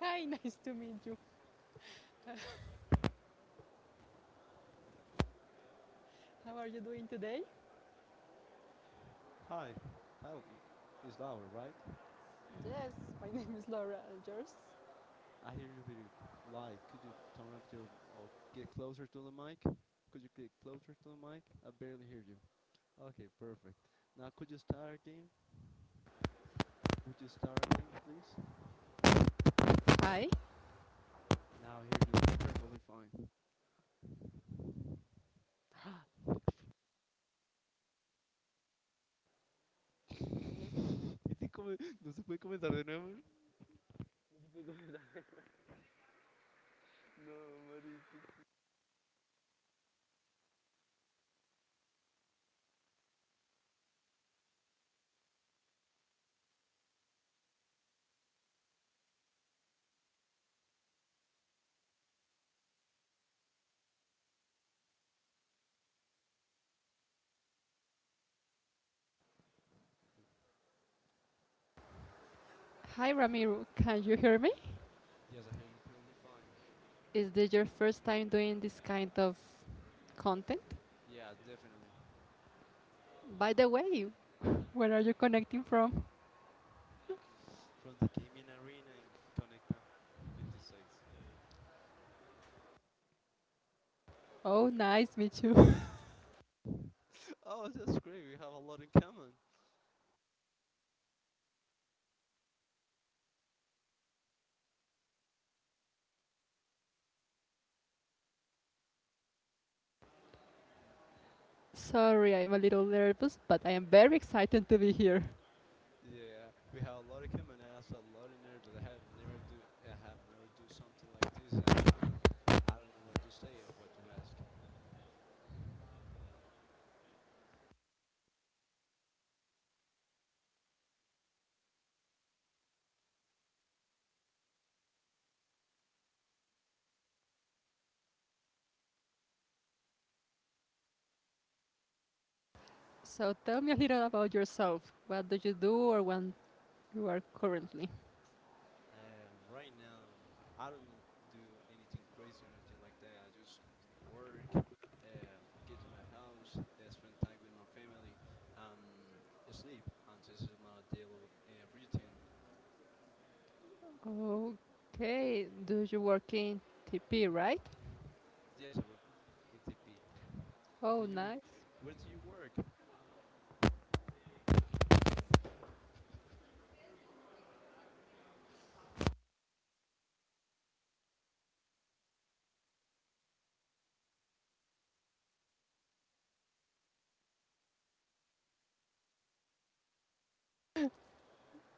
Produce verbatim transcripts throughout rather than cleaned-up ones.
Hi, nice to meet you. How are you doing today? Hi, hi, it's Laura, right? Yes, my name is Laura, and yours? I hear you very light. Could you turn up your or get closer to the mic? Could you get closer to the mic? I barely hear you. Okay, perfect. Now could you start again? Would you start again, please? Hi. Now I hear you perfectly fine. ¿Y si come- no se puede comenzar de nuevo? Hi, Ramiro. Can you hear me? Yes, I hear you perfectly fine. Is this your first time doing this kind of content? Yeah, definitely. By the way, where are you connecting from? From the gaming arena in Conecta twenty six. Oh, nice, me too. Oh, that's great. We have a lot in common. Sorry, I'm a little nervous, but I am very excited to be here. Yeah, we have a lot of common ass, a lot of nerves. I have never do, I have never do something like this, and I don't know what to say or what to ask. So tell me a little about yourself. What do you do or when you are currently? Uh, right now, I don't d- do anything crazy or anything like that. I just work, uh, get to my house, uh, spend time with my family, um, sleep, and this is my daily uh, routine. Okay, do you work in T P, right? Yes, I work in T P. Do Oh, you? nice. Where do you work?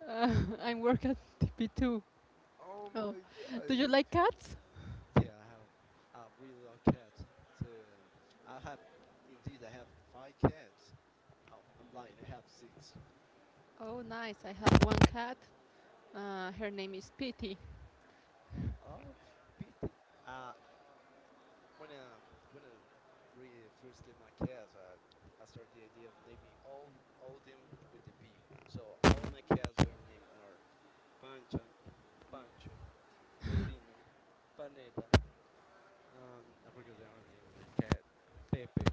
Uh, I work at T P two. Oh Oh, my God! do you like cats? Yeah, I have a really love cats. So um, I have indeed I have five cats. Oh, I'm lying. I have six. Oh, nice. I have one cat. Uh, her name is Pitty. Oh, pity. Uh, when um when I re- first get my cats, I I started the idea of naming all all them with the P. So all my cats their names are Pancha, Pancho, Pepino, Paneta, and I forgot the other name of their cat, Pepe.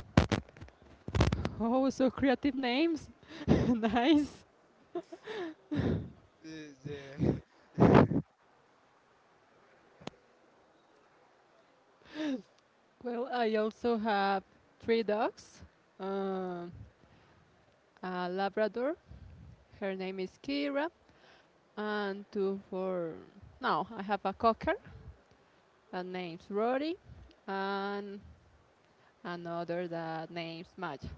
Oh, so creative names. Nice. The, the- Well, I also have three dogs, um, Oh. a Labrador. Her name is Kira. And two for. No, I have a cocker that name's Rory. And another that name's Maja.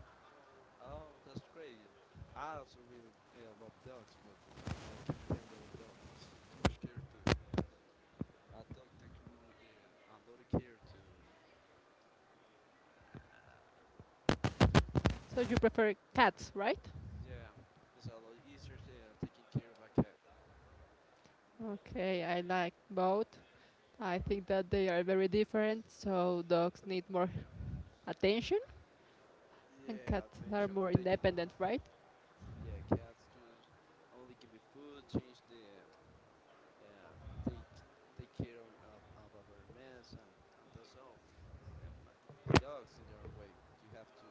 Oh, that's great. I also really uh, love dogs, but the problem I cannot handle a dog is too much care to. A dog take mu- uh, a lot of care to. Uh, So you prefer cats, right? yeah, it's a lot easier uh, taking care of a cat. Okay, I like both. I think that they are very different, so dogs need more attention, and Yeah, cats are attention more taking. independent, right? Yeah, cats just only give me food, change the uh, take take care of, of, of our mess, and, and that's all. Uh, Dogs in their way, you have to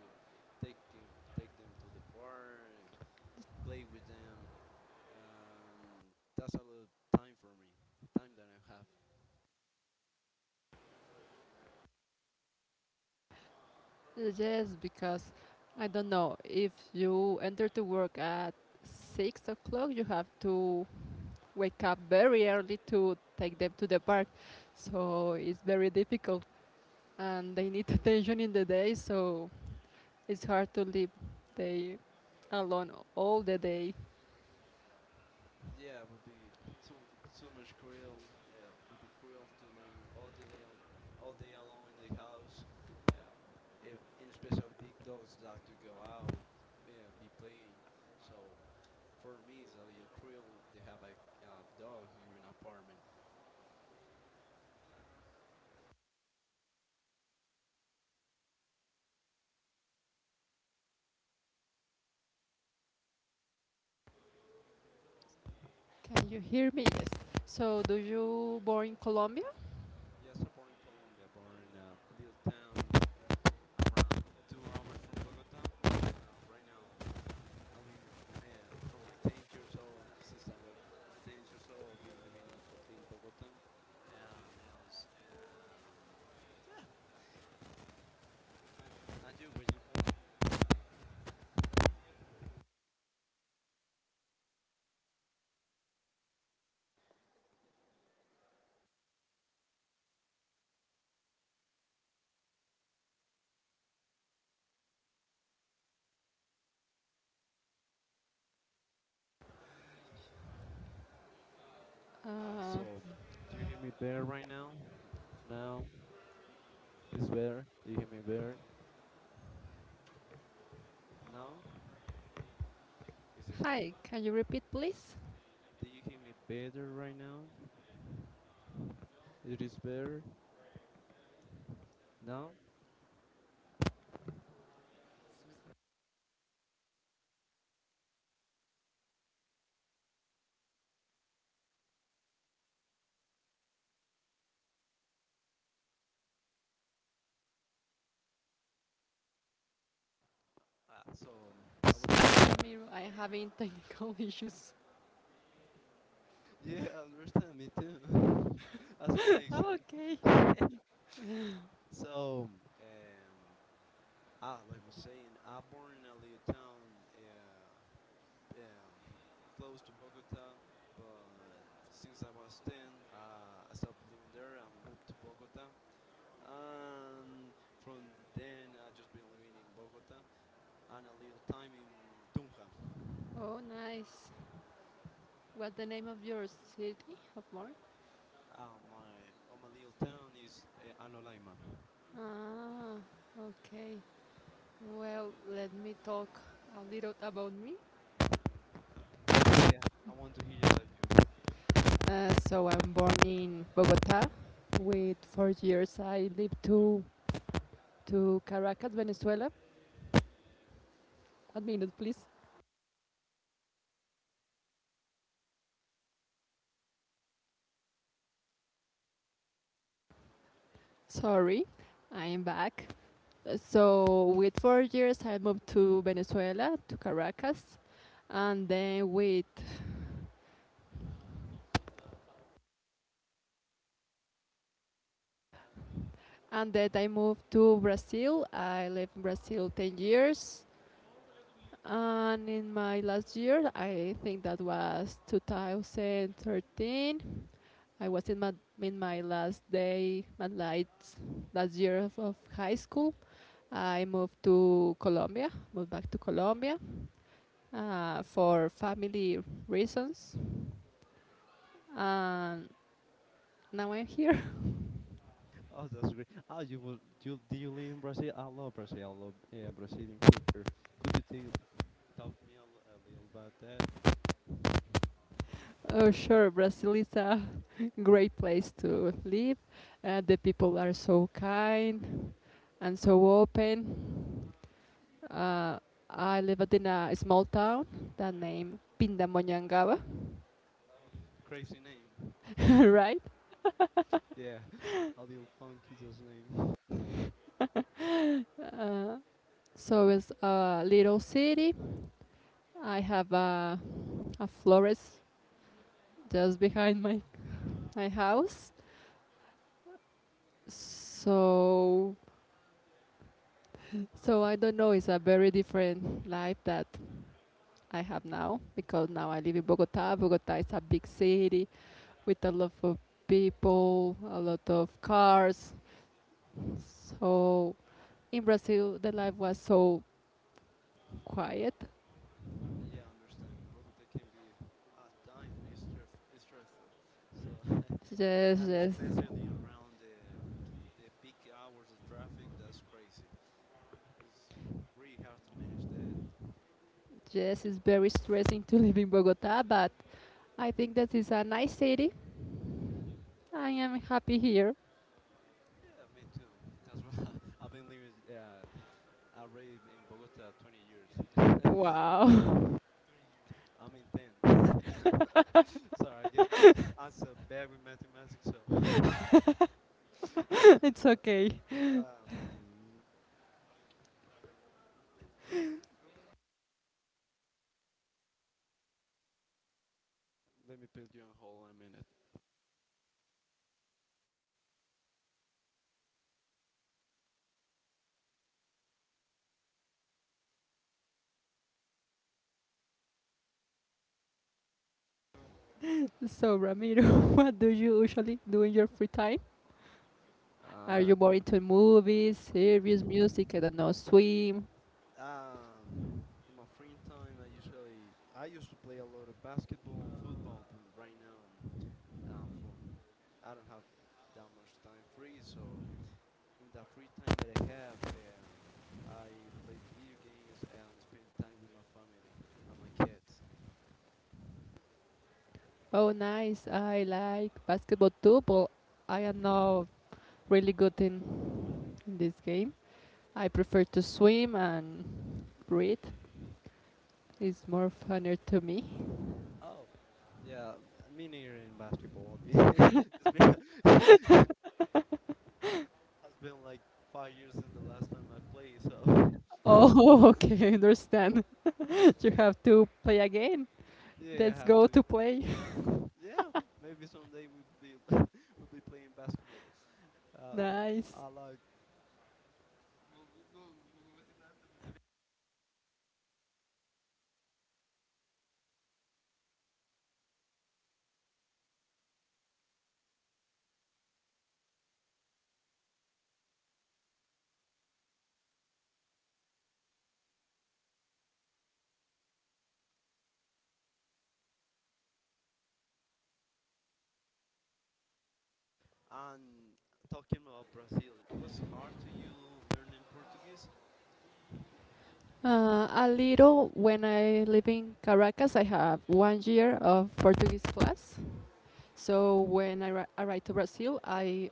take them take them to the park, play with them, and that's a lot of time for me, time that I have. Yes, because I don't know, if you enter to work at six o'clock, you have to wake up very early to take them to the park, so it's very difficult and they need attention in the day, so it's hard to leave they alone all the day. Yeah, it would be too too much cruel. Yeah, it would be cruel to live all day al- all day alone in the house. Yeah, and and especially big dogs like to go out, yeah, be playing. So for me, it's a little cruel to have a uh, dog here in an apartment. Can you hear me? Yes. So, do you born in Colombia? Yes, I'm born in Colombia, born in a little town around two hours from Bogota. Um, right now, I'm living fr- uh, from my ten years old. Since I was ten years old, I've been living in, Col- in Bogota. And else, um, yeah, uh, and you, where you born? Uh, Uh, so, do you hear me better right now? Now, it's better. Do you hear me better? Now, is this Hi, can you repeat, please? Do you hear me better right now? It is better now. Uh, so I was saying Sorry, that. Ramiro, I'm having technical issues. Yeah, I understand me too. That's Oh, okay. amazing. so um, ah, like I was saying, I born in a little town, yeah, um, close to Bogota, but since I was ten, uh, I stopped living there and moved to Bogota. And from then, I just been living in Bogota and a little time in Tunja. Oh, nice. What's the name of your city of Mar? Uh, my Oh, my little town is uh, Anolaima. Ah, okay. Well, let me talk a little about me. Yeah, I want to hear about you. Uh, so I'm born in Bogota. With four years, I lived to to Caracas, Venezuela. One minute, please. Sorry, I am back. Uh, So with four years, I moved to Venezuela to Caracas, and then with and then I moved to Brazil. I lived in Brazil ten years, and in my last year, I think that was twenty thirteen. I was in my in my last day, my last last year of, of high school. I moved to Colombia, moved back to Colombia uh, for family reasons. And now I'm here. Oh, that's great. Ah, you will you do You live in Brazil? I love Brazil. I love, yeah, Brazilian culture. Could you tell talk me a, l- a little about that Oh, sure, Brazil is a great place to live. Uh, the people are so kind and so open. Uh, I lived in a small town that named Pindamonhangaba, crazy name? right? Yeah, a little funky just name. Uh, so it's a little city. I have a, a florist just behind my my house. So so I don't know. It's a very different life that I have now because now I live in Bogota. Bogota is a big city with a lot of people, a lot of cars. So in Brazil, the life was so quiet. Yeah, I understand. Bogota can be at times be stress, stressful. So Yes, and yes, especially around the the peak hours of traffic, that's crazy. It's really hard to manage that. yes, it's very stressing to live in Bogota, but I think that is a nice city. I am happy here. Yeah, me too. That's why I've been living. Uh, already in Bogota twenty years. Wow. I'm in ten. Sorry, I get I'm so bad with mathematics. So, um, let me put you on hold a minute. So, Ramiro, what do you usually do in your free time? Are Uh, you more into movies, series, music? I don't know, swim. um, in my free time, I usually I used to play a lot of basketball and football, but right now, um, for I don't have that much time free, so in the free time that I have, um, I play video games and spend time with my family and my cats. Oh, nice. I like basketball too, but I am not really good in, in this game. I prefer to swim and breathe. It's more funner to me. Oh, yeah, me mini in basketball. It's been it's been like five years since the last time I played, so Oh, okay, I understand. You have to play a game. yeah, I Let's have go to. to play. Yeah, maybe someday we'll be we'll be playing basketball. Uh, Nice. I like and Talking about Brazil, it was hard to you learning Portuguese. Uh, a little when I live in Caracas, I have one year of Portuguese class. So when I arri- arrived to Brazil, I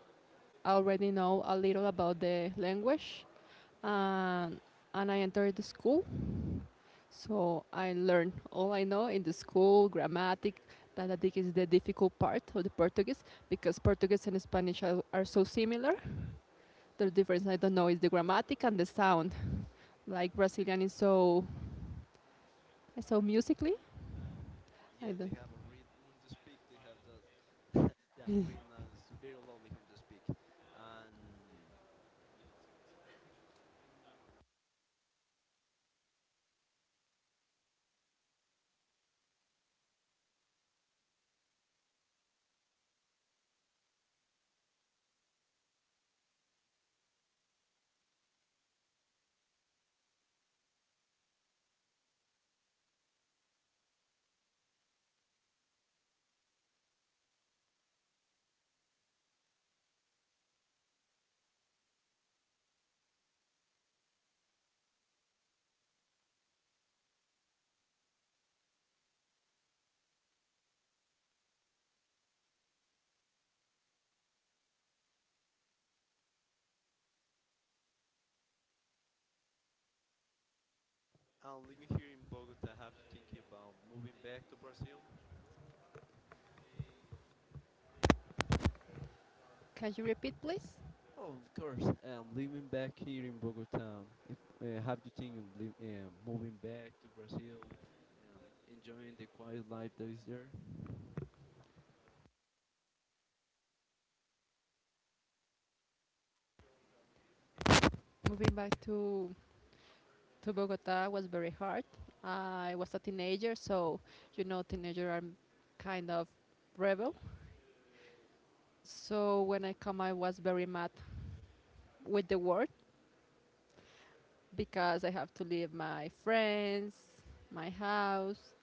already know a little about the language, and and I entered the school. So I learned all I know in the school, grammatic, that I think is the difficult part of the Portuguese because Portuguese and Spanish are, are so similar. The difference I don't know is the grammatic and the sound. Like Brazilian is so so musically. I Yeah, they don't. have a rhythm to speak. They have that that rhythm is very lovely him to speak. And and living here in Bogota, have you thinking about moving back to Brazil? Can you repeat, please? Oh, of course. Um, living back here in Bogota, if, uh, have you think of liv- um, moving back to Brazil, um, enjoying the quiet life that is there? Moving back to to Bogota was very hard. I was a teenager, so you know, teenagers are kind of rebel. So when I come, I was very mad with the world because I have to leave my friends, my house,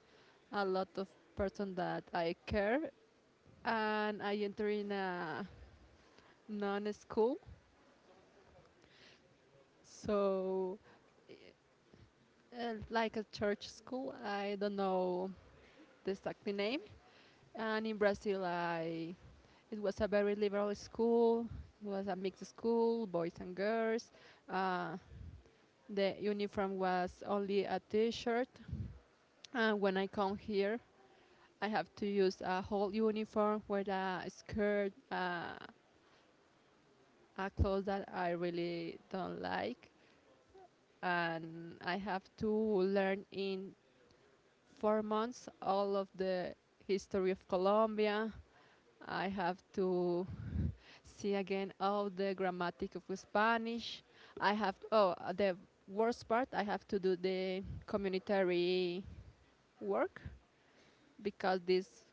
a lot of person that I care, and I enter in a non-school. So uh, like a church school. I don't know the exact name. And in Brazil, I it was a very liberal school. It was a mixed school, boys and girls. Uh, the uniform was only a T-shirt. And when I come here, I have to use a whole uniform with a skirt, uh, a clothes that I really don't like, and I have to learn in four months all of the history of Colombia. I have to see again all the grammatic of Spanish. I have oh uh, The worst part, I have to do the communitary work because this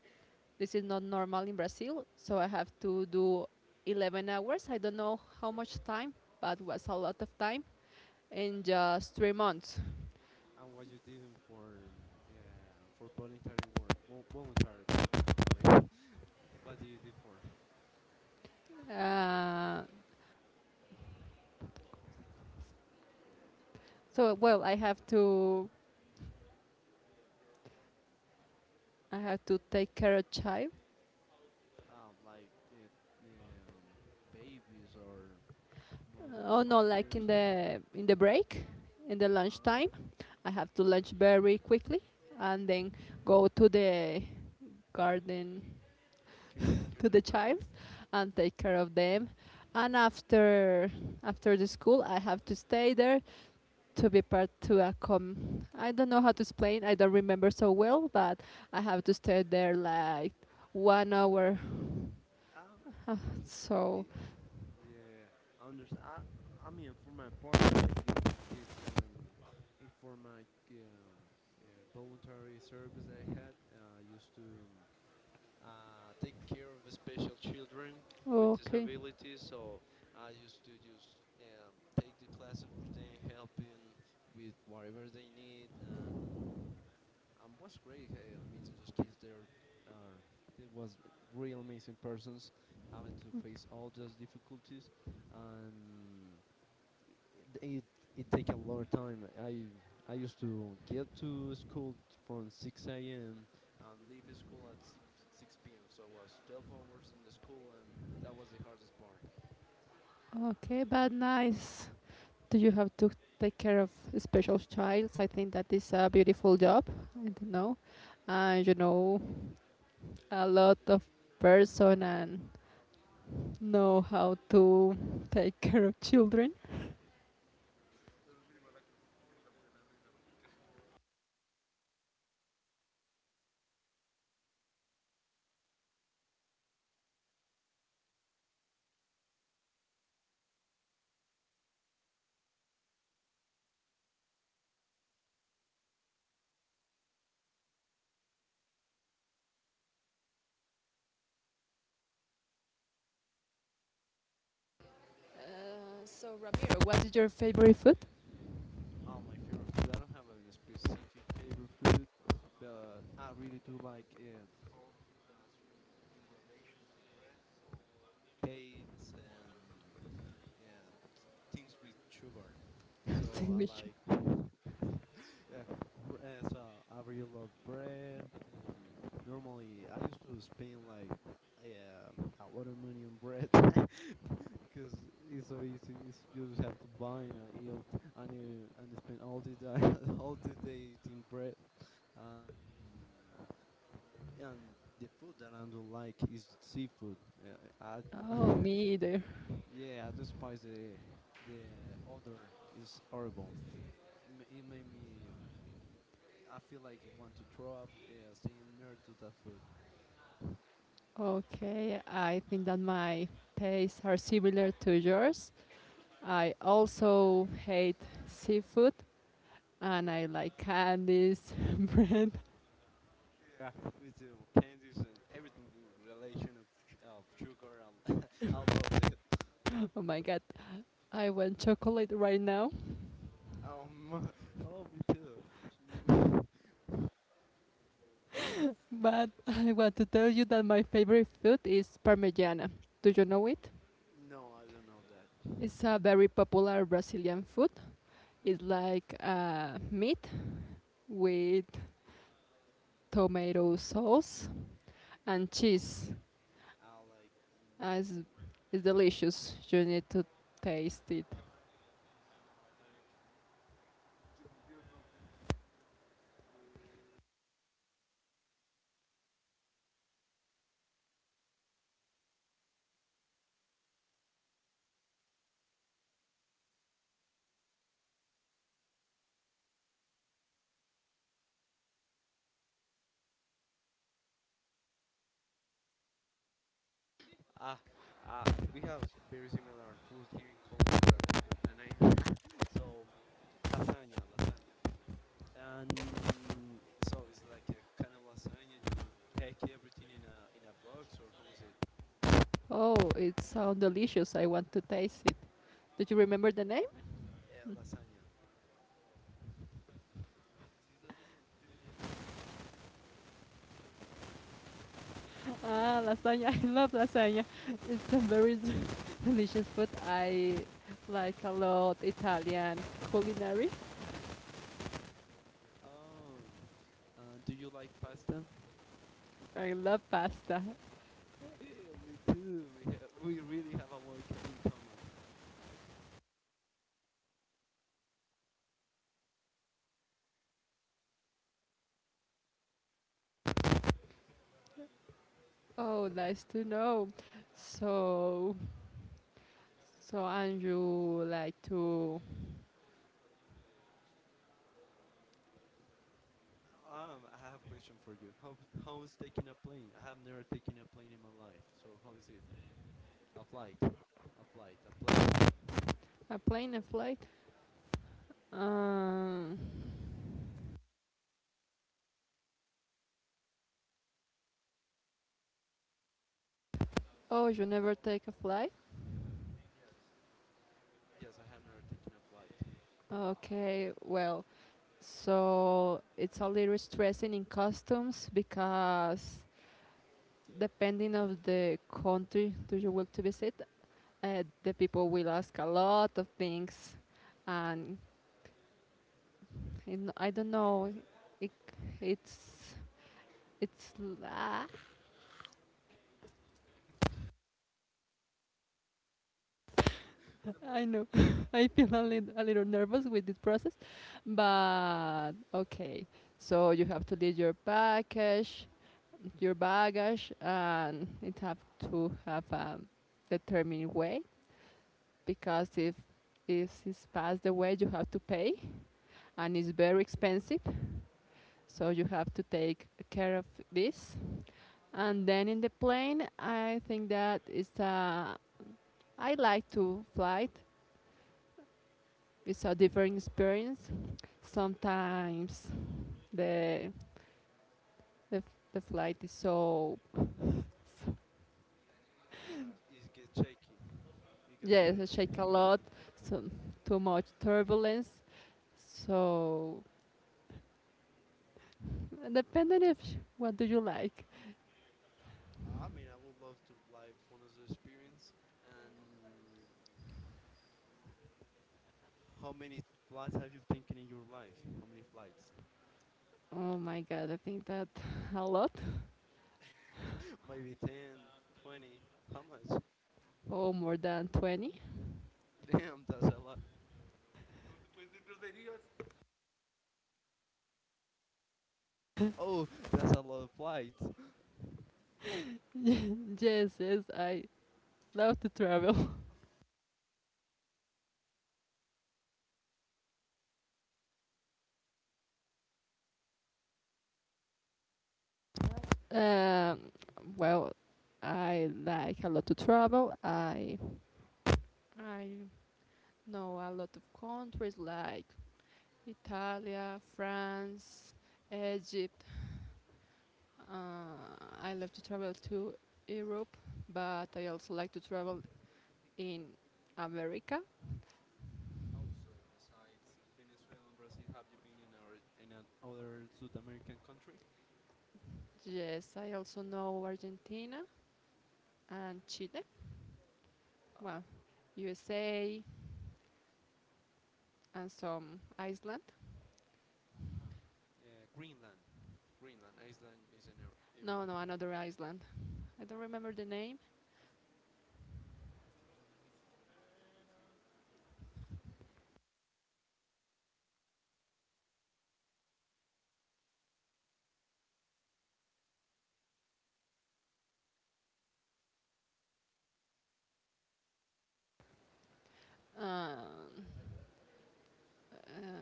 this is not normal in Brazil. So I have to do eleven hours. I don't know how much time, but it was a lot of time in just three months. And what you doing for um, uh, for voluntary work? Vo- voluntary, that's obligatory. What do you do for? Uh, so well, I have to I have to take care of child. Oh, like it, um, babies or more Uh, like Oh, no, five like years. in the in the break, in the lunch time, Um, I have to lunch very quickly and then go to the garden kin- to the child Kindergarten. and take care of them. And after after the school, I have to stay there to be part to a com. I don't know how to explain. I don't remember so well, but I have to stay there like one hour. Um, Ah, I'm, So eh, yeah, I understand. I, I mean, for my part, I like dealing with kids, and eh, for my um, uh, voluntary service I had, uh, I used to. Um, uh, take care of special children with okay, disabilities. So I used to just um, take the classes with them, helping with whatever they need, and um, was great uh, meeting those kids. There are It was real amazing persons having to face all those difficulties, and it, it, it take a lot of time. I I used to get to school from six a m and leave school at six, six p m. So I was twelve hours in the school, and that was the hardest part. okay, but nice. Do you have to take care of special child? I think that is a beautiful job. I don't know. Uh, you know, a lot of person and know how to take care of children. Uh, so Ramiro, what is your favorite food? Oh, my favorite food. I don't have a specific favorite food, but I really do like uh, all that's uh, in relation to bread. So cakes and, yeah, things with sugar. So I Sandwich. like. Yeah. Bre- uh, So I really love bread. And normally, I used to spend like, yeah, a lot of money on bread because it's so easy. It's, you just have to buy and eat and uh, and spend all the day all the day eating bread. And and the food that I don't like is seafood. Uh, I Oh, me either. yeah, I despise the the odor. It's horrible m- it made me. I feel like I want to throw up, yeah, staying near to that food. Okay, I think that my tastes are similar to yours. I also hate seafood, and I like candies, bread. Yeah, with the candies and everything with relation of, sh- of sugar. I, l- I love that. Oh my god, I want chocolate right now, Um, oh, me too. but I want to tell you that my favorite food is parmigiana. Do you know it? No, I don't know that. It's a very popular Brazilian food. It's like uh, meat with tomato sauce and cheese. I like. Uh, It's, Mm, it's delicious. You need to taste it. ah, uh, we have s- very similar food here in Colombia, but I forgot the name. So lasagna, lasagna. And so it's like a kind of lasagna. You pack everything in a in a box, or how is it? Oh, it sounds delicious. I want to taste it. Do you remember the name? Uh, lasagna. Ah, lasagna. I love lasagna. It's a very delicious food. I like a lot Italian culinary. Um, uh, do you like pasta? I love pasta. Yeah, me too. We have, we really have a lot co- in common. Oh, nice to know. So, so and you like to Um, I have a question for you. How how is taking a plane? I have never taken a plane in my life. So how is it? A flight, a flight, a plane. a plane a flight? Um, oh, you never take a flight? Yes, I have never taken a flight. Okay, well, so it's a little stressing in customs because depending of the country do you want to visit, uh, the people will ask a lot of things, and in, I don't know. It, it's it's ah, I know. I feel a, lit a little nervous with this process, but okay. So you have to leave your package, your baggage, and it have to have a determined way because if if it's past the way you have to pay, and it's very expensive. So you have to take care of this. And then in the plane, I think that it's a I like to fly. It. It's a different experience. Sometimes the the, the flight is so. Uh, it gets shaky. It gets Yes, I shake a shaky. lot, so too much turbulence. So depending if what do you like. I mean, I would love to like one of the experience. And how many flights have you taken in your life? How many flights? Oh my god, I think that a lot. Maybe ten, twenty. How much? Oh, more than twenty. Damn, that's a lot. Oh, that's a lot of flights. Yes, yes, I love to travel. Um, well, I like a lot to travel. I I know a lot of countries like Italy, France, Egypt. Uh, I love to travel to Europe, but I also like to travel in America. Also, besides Venezuela and Brazil, have you been in our in an other South American country? Yes, I also know Argentina and Chile. Oh, Well, U S A and some Iceland. yeah, Greenland. Greenland, Iceland is in Eu- No, Europe. no, another Iceland. I don't remember the name. Um, Uh,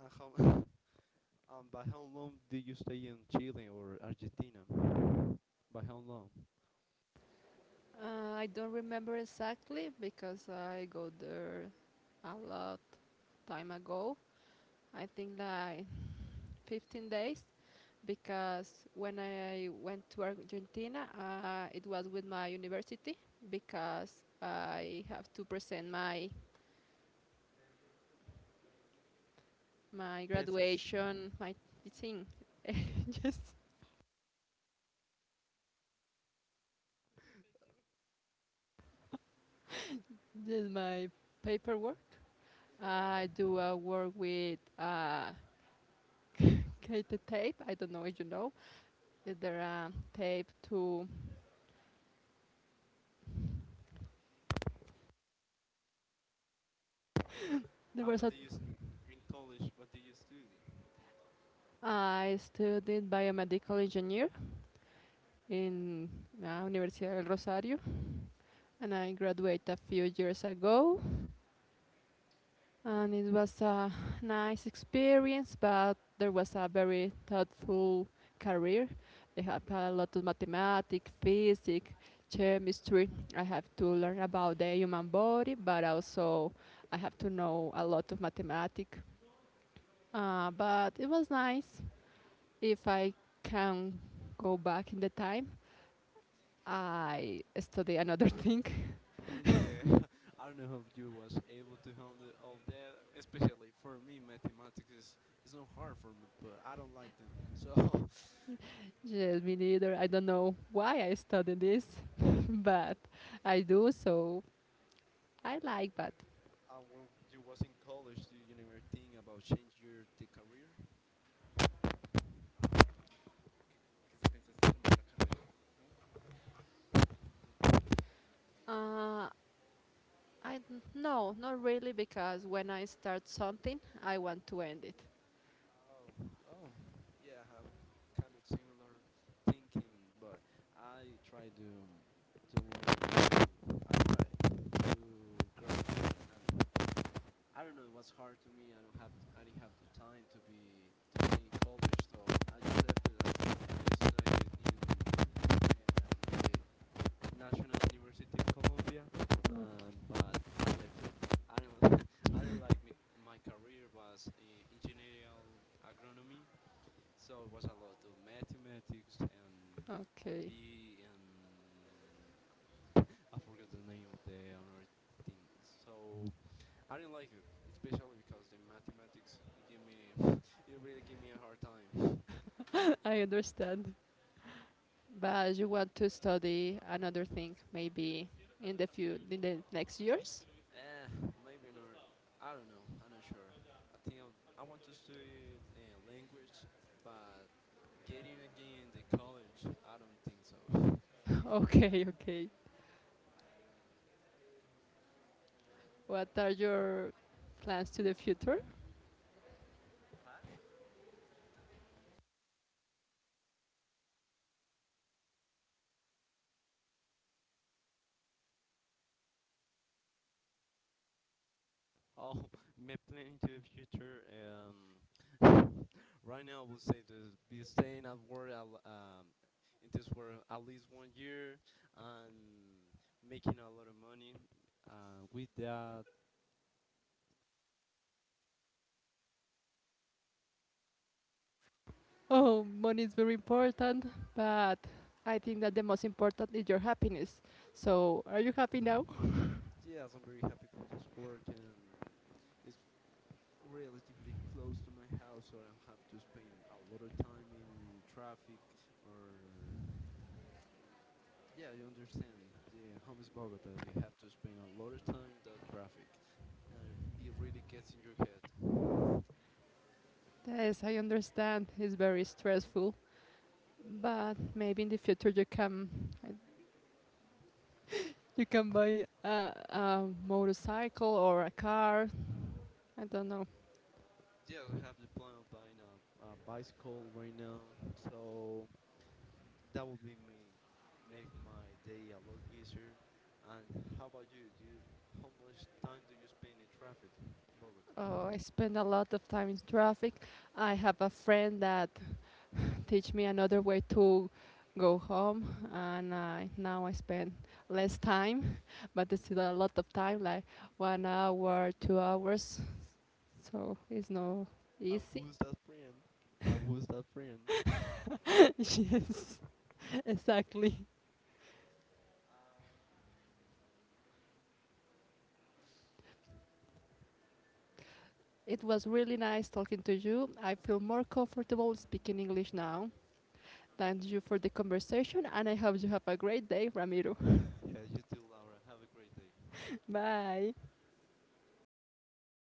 And how? And by how long did you stay in Chile or Argentina? By how long? uh, I don't remember exactly because I go there a lot time ago. I think like fifteen days because when I went to Argentina, uh, it was with my university because I have to present my my Thesis. graduation, my thing, just just my paperwork. I Yeah. do a work with uh, Cathode tape. I don't know if you know. Is there a tape to? There And was what a. do you s- in college? What do you study? I studied biomedical engineer in uh, Universidad del Rosario, and I graduated a few years ago. And it was a nice experience, but there was a very thoughtful career. I have a lot of mathematics, physics, chemistry. I have to learn about the human body, but also I have to know a lot of mathematics. Uh, but it was nice. If I can go back in the time, I study another thing. Yeah, I don't know if you was able to handle all that. Especially for me, mathematics is it's not hard for me, but I don't like them. So, Yes, me neither. I don't know why I study this, but I do. So I like that. uh, when you was in college, do you never think about change your the career? Uh, I d- no, not really, because when I start something, I want to end it. Oh, oh, yeah, I have kind of similar thinking, but I try to um, to learn to I try to graduate and I don't know. It was hard to me. I don't have. I didn't have the time to be to stay in college, so I just left it. I, stu- I studied in um, the National University of Colombia, um, but I left it. I didn't. I didn't like my, my career was in engineering agronomy, so it was a lot of mathematics and and Okay, B and I forget the name of the honor thing. So I didn't like it, especially because the mathematics it gave me it really gave me a hard time. I understand. But you want to study another thing, maybe in the few in the next years. Eh, Maybe not. I don't know. I'm not sure. I think I'll, I want to study uh, language, but getting again the college, I don't think so. Okay, okay. What are your plans to the future? Oh, my plan to the future. Um, right now, I would say to be staying at work at l- um, in this work at least one year and making a lot of money. Uh, with that, Oh, money is very important, but I think that the most important is your happiness. So, are you happy now? yes, I'm very happy about this work, and it's relatively close to my house, so I don't have to spend a lot of time in traffic. Or um, Yeah, you understand. Yeah, home is Bogota. You have to spend a lot of time in that traffic, and it really gets in your head. Yes, I understand. It's very stressful, but maybe in the future you can you can buy a, a motorcycle or a car. I don't know. Yeah, I have the plan of buying a, a bicycle right now, so that will be me make my day a lot easier. And how about you? Do you, how much time do you spend in traffic, in Bogota? Oh, I spend a lot of time in traffic. I have a friend that teach me another way to go home, and I now I spend less time, but it's still a lot of time, like one hour, two hours, so it's not And easy. who's that friend? And who's that friend? Yes, exactly. It was really nice talking to you. I feel more comfortable speaking English now. Thank you for the conversation, and I hope you have a great day, Ramiro. Yeah, you too, Laura. Have a great day. Bye.